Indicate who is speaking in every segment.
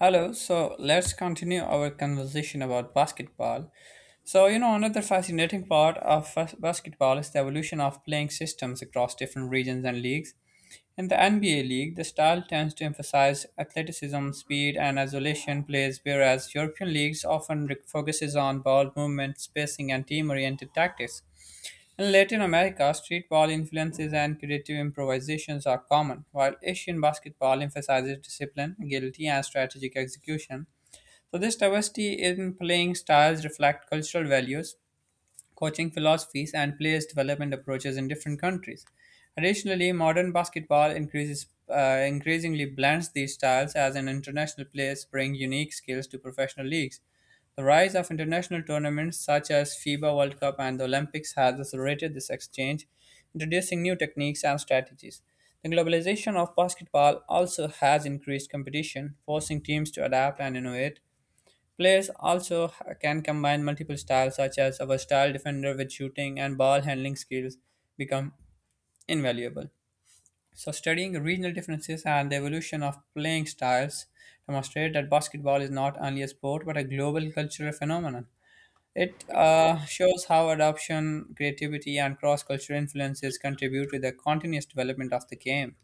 Speaker 1: Hello, so let's continue our conversation about basketball. Another fascinating part of basketball is the evolution of playing systems across different regions and leagues. In the NBA league, the style tends to emphasize athleticism, speed, and isolation plays, whereas European leagues often focuses on ball movement, spacing, and team-oriented tactics. In Latin America, street ball influences and creative improvisations are common, while Asian basketball emphasizes discipline, agility, and strategic execution. So this diversity in playing styles reflect cultural values, coaching philosophies, and players' development approaches in different countries. Additionally, modern basketball increasingly blends these styles as an international players bring unique skills to professional leagues. The rise of international tournaments such as FIBA World Cup and the Olympics has accelerated this exchange, introducing new techniques and strategies. The globalization of basketball also has increased competition, forcing teams to adapt and innovate. Players also can combine multiple styles, such as our style defender with shooting and ball handling skills become invaluable. So, studying regional differences and the evolution of playing styles demonstrate that basketball is not only a sport but a global cultural phenomenon. It shows how adoption, creativity, and cross cultural influences contribute to the continuous development of the game.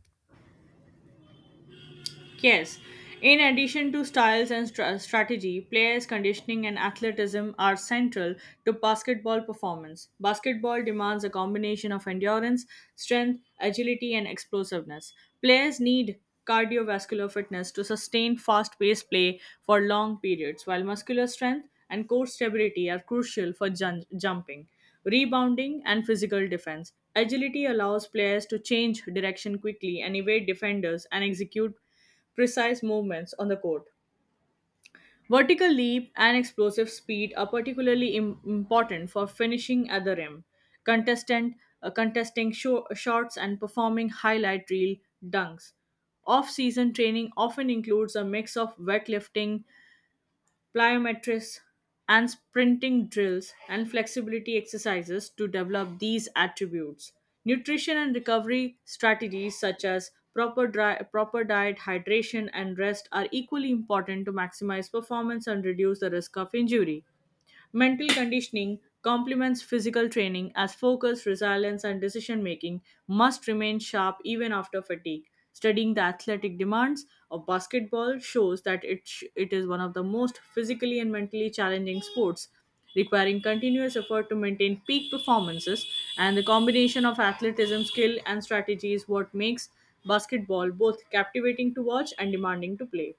Speaker 2: Yes. In addition to styles and strategy, players' conditioning and athleticism are central to basketball performance. Basketball demands a combination of endurance, strength, agility, and explosiveness. Players need cardiovascular fitness to sustain fast paced play for long periods, while muscular strength and core stability are crucial for jumping, rebounding, and physical defense. Agility allows players to change direction quickly and evade defenders and execute precise movements on the court. Vertical leap and explosive speed are particularly important for finishing at the rim, contestant contesting shots and performing highlight reel dunks. Off-season training often includes a mix of weightlifting, plyometrics, and sprinting drills and flexibility exercises to develop these attributes. Nutrition and recovery strategies such as proper diet, hydration, and rest are equally important to maximize performance and reduce the risk of injury. Mental conditioning complements physical training as focus, resilience, and decision making must remain sharp even after fatigue. Studying the athletic demands of basketball shows that it is one of the most physically and mentally challenging sports, requiring continuous effort to maintain peak performances. And the combination of athleticism, skill, and strategy is what makes basketball both captivating to watch and demanding to play.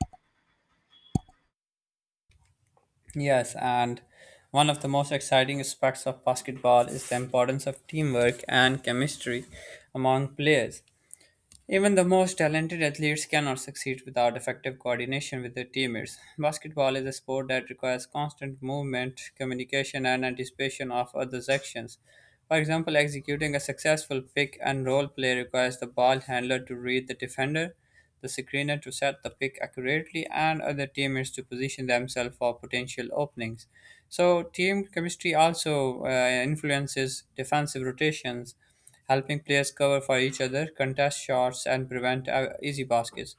Speaker 1: Yes, and one of the most exciting aspects of basketball is the importance of teamwork and chemistry among players. Even the most talented athletes cannot succeed without effective coordination with their teammates. Basketball is a sport that requires constant movement, communication, and anticipation of others' actions. For example, executing a successful pick and roll play requires the ball handler to read the defender, the screener to set the pick accurately, and other teammates to position themselves for potential openings. So, team chemistry also influences defensive rotations, helping players cover for each other, contest shots, and prevent easy baskets.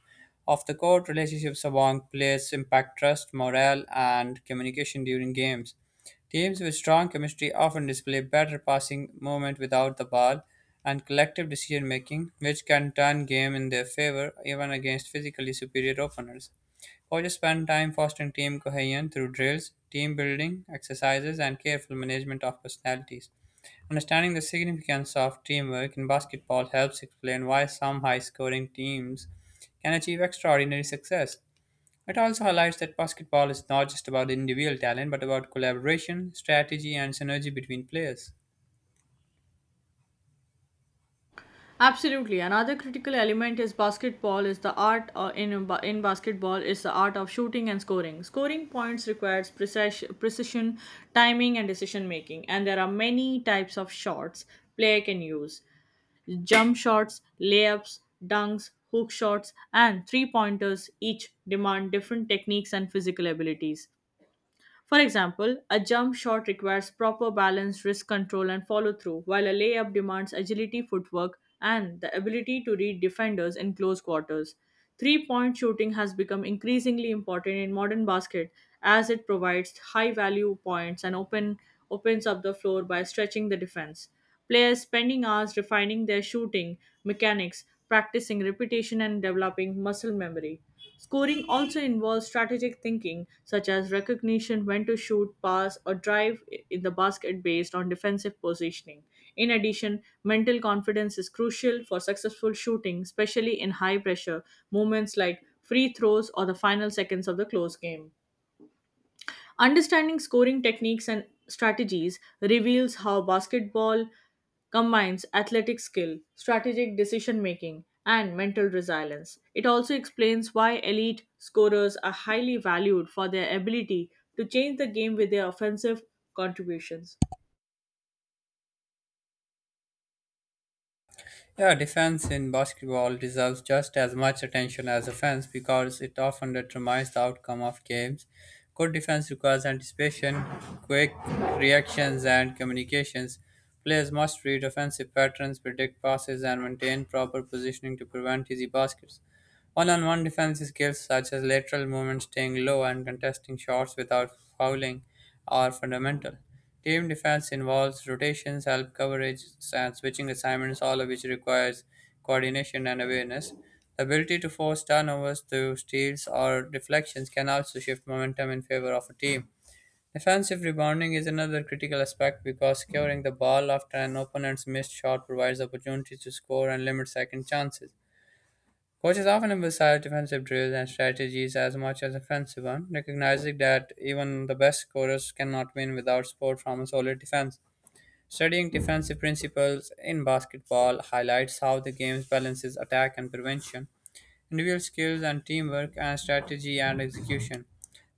Speaker 1: Off the court, relationships among players impact trust, morale, and communication during games. Teams with strong chemistry often display better passing movement without the ball and collective decision making, which can turn game in their favor even against physically superior opponents. Coaches spend time fostering team cohesion through drills, team building exercises, and careful management of personalities. Understanding the significance of teamwork in basketball helps explain why some high scoring teams can achieve extraordinary success. It also highlights that basketball is not just about individual talent but about collaboration, strategy, and synergy between players.
Speaker 2: Absolutely. Another critical element is basketball is the art in basketball is the art of shooting and scoring. Scoring points requires precision, timing and decision making, and there are many types of shots player can use. Jump shots, layups, dunks, hook shots, and three-pointers each demand different techniques and physical abilities. For example, a jump shot requires proper balance, risk control, and follow through, while a layup demands agility, footwork, and the ability to read defenders in close quarters. Three point shooting has become increasingly important in modern basket as it provides high value points and opens up the floor by stretching the defense. Players spending hours refining their shooting mechanics, practicing repetition, and developing muscle memory. Scoring also involves strategic thinking, such as recognition when to shoot, pass, or drive in the basket based on defensive positioning. In addition, mental confidence is crucial for successful shooting, especially in high pressure moments like free throws or the final seconds of the close game. Understanding scoring techniques and strategies reveals how basketball combines athletic skill, strategic decision making, and mental resilience. It also explains why elite scorers are highly valued for their ability to change the game with their offensive contributions.
Speaker 1: Yeah, defense in basketball deserves just as much attention as offense because it often determines the outcome of games. Good defense requires anticipation, quick reactions, and communications. Players must read offensive patterns, predict passes, and maintain proper positioning to prevent easy baskets. One on one defensive skills such as lateral movement, staying low, and contesting shots without fouling are fundamental. Team defense involves rotations, help coverage, and switching assignments, all of which requires coordination and awareness. The ability to force turnovers through steals or deflections can also shift momentum in favor of a team. Defensive rebounding is another critical aspect because securing the ball after an opponent's missed shot provides opportunities to score and limit second chances. Coaches often emphasize defensive drills and strategies as much as offensive ones, recognizing that even the best scorers cannot win without support from a solid defense. Studying defensive principles in basketball highlights how the game balances attack and prevention, individual skills and teamwork, and strategy and execution.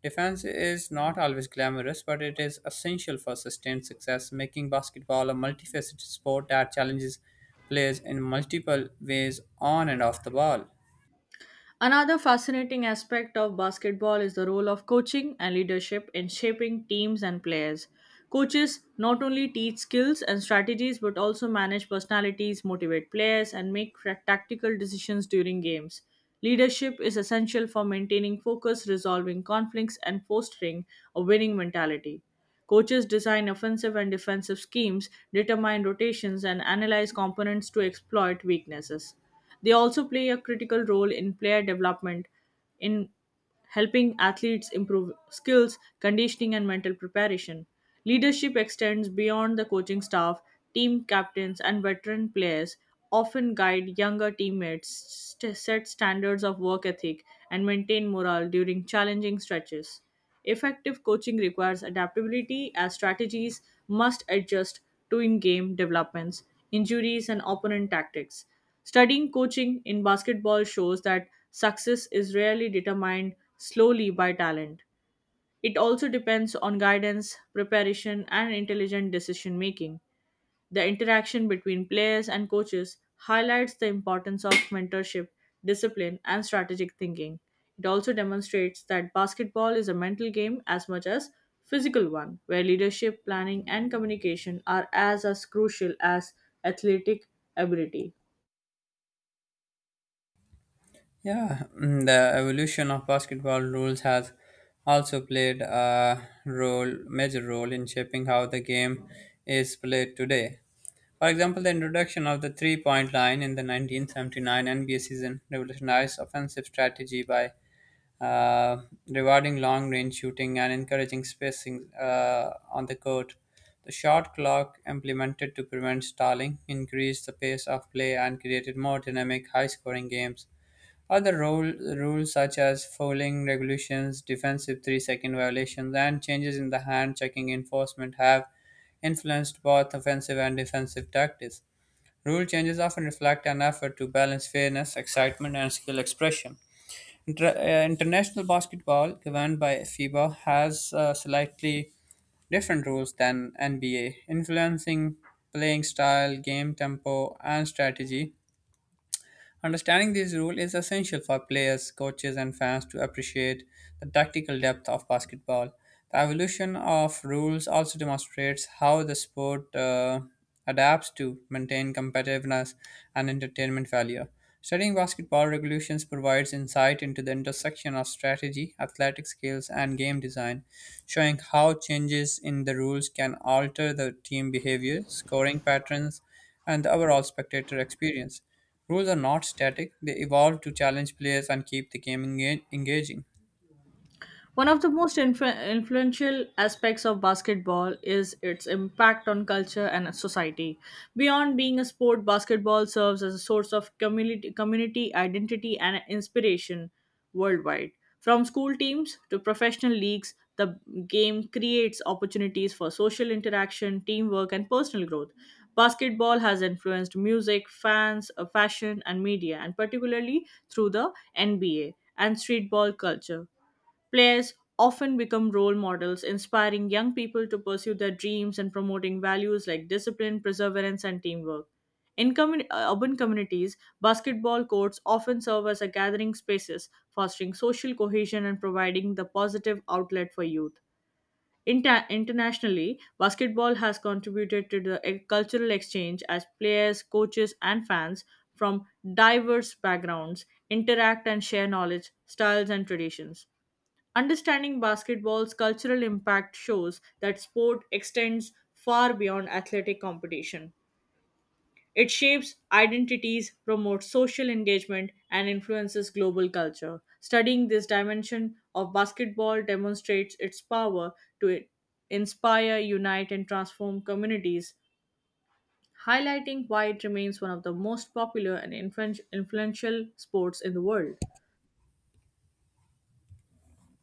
Speaker 1: Defense is not always glamorous, but it is essential for sustained success, making basketball a multifaceted sport that challenges players in multiple ways on and off the ball.
Speaker 2: Another fascinating aspect of basketball is the role of coaching and leadership in shaping teams and players. Coaches not only teach skills and strategies but also manage personalities, motivate players, and make tactical decisions during games. Leadership is essential for maintaining focus, resolving conflicts, and fostering a winning mentality. Coaches design offensive and defensive schemes, determine rotations, and analyze components to exploit weaknesses. They also play a critical role in player development in helping athletes improve skills, conditioning, and mental preparation. Leadership extends beyond the coaching staff, team captains, and veteran players often guide younger teammates, set standards of work ethic, and maintain morale during challenging stretches. Effective coaching requires adaptability as strategies must adjust to in game developments, injuries, and opponent tactics. Studying coaching in basketball shows that success is rarely determined slowly by talent. It also depends on guidance, preparation, and intelligent decision making. The interaction between players and coaches highlights the importance of mentorship, discipline, and strategic thinking. It also demonstrates that basketball is a mental game as much as physical one, where leadership, planning, and communication are as crucial as athletic ability.
Speaker 1: Yeah, the evolution of basketball rules has also played a major role in shaping how the game is played today. For example, the introduction of the three-point line in the 1979 NBA season revolutionized offensive strategy by uh, rewarding long range shooting and encouraging spacing on the court. The shot clock, implemented to prevent stalling, increased the pace of play and created more dynamic, high scoring games. Other rules such as fouling regulations, defensive three second violations, and changes in the hand checking enforcement have influenced both offensive and defensive tactics. Rule changes often reflect an effort to balance fairness, excitement, and skill expression. International basketball, governed by FIBA, has slightly different rules than NBA, influencing playing style, game tempo, and strategy. Understanding these rules is essential for players, coaches, and fans to appreciate the tactical depth of basketball. The evolution of rules also demonstrates how the sport adapts to maintain competitiveness and entertainment value. Studying basketball regulations provides insight into the intersection of strategy, athletic skills, and game design, showing how changes in the rules can alter the team behavior, scoring patterns, and the overall spectator experience. Rules are not static, they evolve to challenge players and keep the game engaging.
Speaker 2: One of the most influential aspects of basketball is its impact on culture and society. Beyond being a sport, basketball serves as a source of community identity and inspiration worldwide. From school teams to professional leagues, the game creates opportunities for social interaction, teamwork, and personal growth. Basketball has influenced music, fashion, and media, and particularly through the NBA and streetball culture. Players often become role models, inspiring young people to pursue their dreams and promoting values like discipline, perseverance, and teamwork. In urban communities, basketball courts often serve as a gathering spaces, fostering social cohesion and providing the positive outlet for youth. Internationally, basketball has contributed to the cultural exchange as players, coaches, and fans from diverse backgrounds interact and share knowledge, styles, and traditions. Understanding basketball's cultural impact shows that sport extends far beyond athletic competition. It shapes identities, promotes social engagement, and influences global culture. Studying this dimension of basketball demonstrates its power to inspire, unite, and transform communities, highlighting why it remains one of the most popular and influential sports in the world.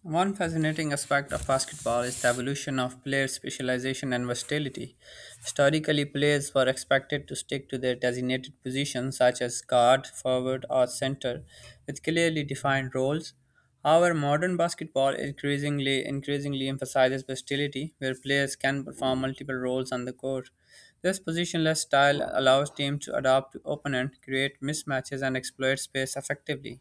Speaker 1: One fascinating aspect of basketball is the evolution of player specialization and versatility. Historically, players were expected to stick to their designated positions such as guard, forward, or center with clearly defined roles. However, modern basketball increasingly emphasizes versatility where players can perform multiple roles on the court. This positionless style allows teams to adapt to opponent, create mismatches and exploit space effectively.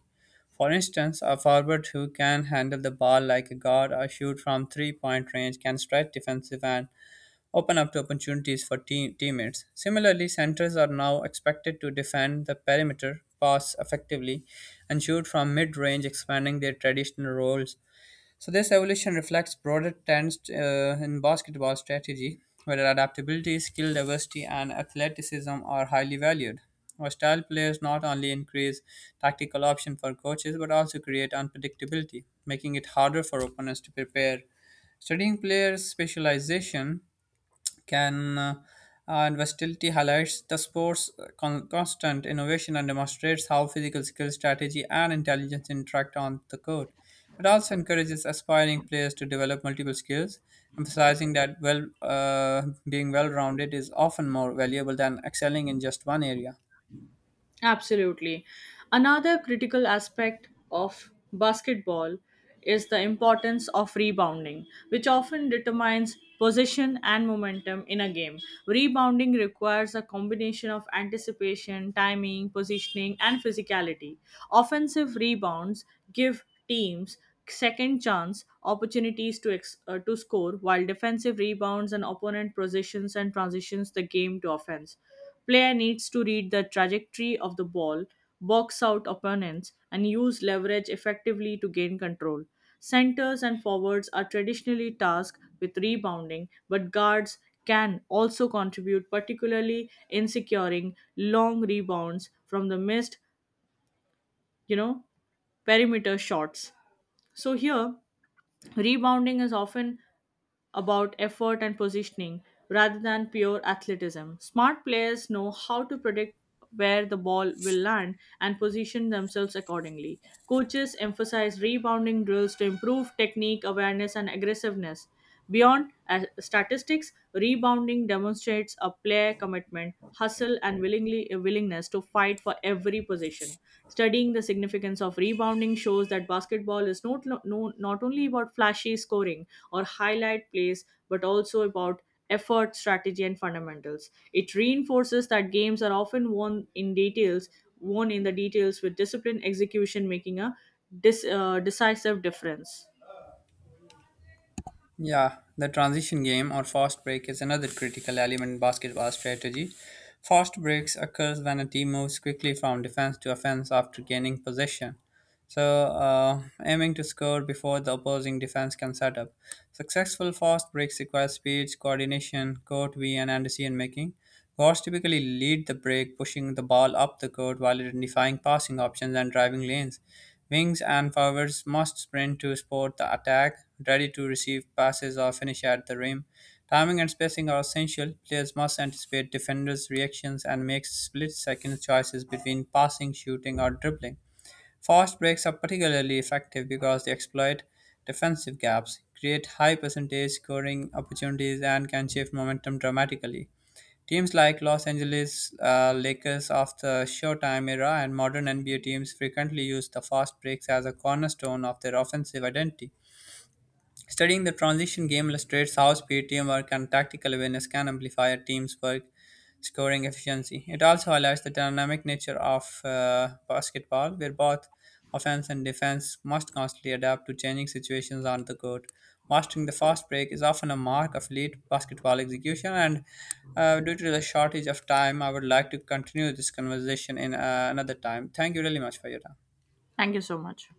Speaker 1: For instance, a forward who can handle the ball like a guard or shoot from three point range can stretch defensive and open up to opportunities for teammates. Similarly, centers are now expected to defend the perimeter, pass effectively, and shoot from mid range, expanding their traditional roles. So this evolution reflects broader trends in basketball strategy, where adaptability, skill diversity, and athleticism are highly valued. Versatile players not only increase tactical option for coaches but also create unpredictability, making it harder for opponents to prepare. Studying players' specialization can and versatility highlights the sport's constant innovation and demonstrates how physical skill, strategy, and intelligence interact on the court. It also encourages aspiring players to develop multiple skills, emphasizing that being well-rounded is often more valuable than excelling in just one area.
Speaker 2: Absolutely. Another critical aspect of basketball is the importance of rebounding, which often determines possession and momentum in a game. Rebounding requires a combination of anticipation, timing, positioning, and physicality. Offensive rebounds give teams second chance opportunities to score while defensive rebounds and opponent possessions and transitions the game to offense. Player needs to read the trajectory of the ball, box out opponents, and use leverage effectively to gain control. Centers and forwards are traditionally tasked with rebounding, but guards can also contribute, particularly in securing long rebounds from the missed, you know, perimeter shots. So here, rebounding is often about effort and positioning rather than pure athleticism. Smart players know how to predict where the ball will land and position themselves accordingly. Coaches emphasize rebounding drills to improve technique, awareness, and aggressiveness. Beyond statistics, rebounding demonstrates a player commitment, hustle, and willingness to fight for every possession. Studying the significance of rebounding shows that basketball is not only about flashy scoring or highlight plays, but also about effort, strategy, and fundamentals. It reinforces that games are often won in details, won in the details with disciplined execution making a decisive difference.
Speaker 1: Yeah, the transition game or fast break is another critical element in basketball strategy. Fast breaks occurs when a team moves quickly from defense to offense after gaining possession. Aiming to score before the opposing defense can set up. Successful fast breaks require speed, coordination, court vision, and decision making. Guards typically lead the break, pushing the ball up the court while identifying passing options and driving lanes. Wings and forwards must sprint to support the attack, ready to receive passes or finish at the rim. Timing and spacing are essential. Players must anticipate defenders' reactions and make split second choices between passing, shooting, or dribbling. Fast breaks are particularly effective because they exploit defensive gaps, create high percentage scoring opportunities, and can shift momentum dramatically. Teams like Los Angeles Lakers of the Showtime era and modern NBA teams frequently use the fast breaks as a cornerstone of their offensive identity. Studying the transition game illustrates how speed, teamwork, and tactical awareness can amplify a team's work scoring efficiency. It also highlights the dynamic nature of basketball, where both offense and defense must constantly adapt to changing situations on the court. Mastering the fast break is often a mark of elite basketball execution, and due to the shortage of time, I would like to continue this conversation in another time. Thank you really much for your time.
Speaker 2: Thank you so much.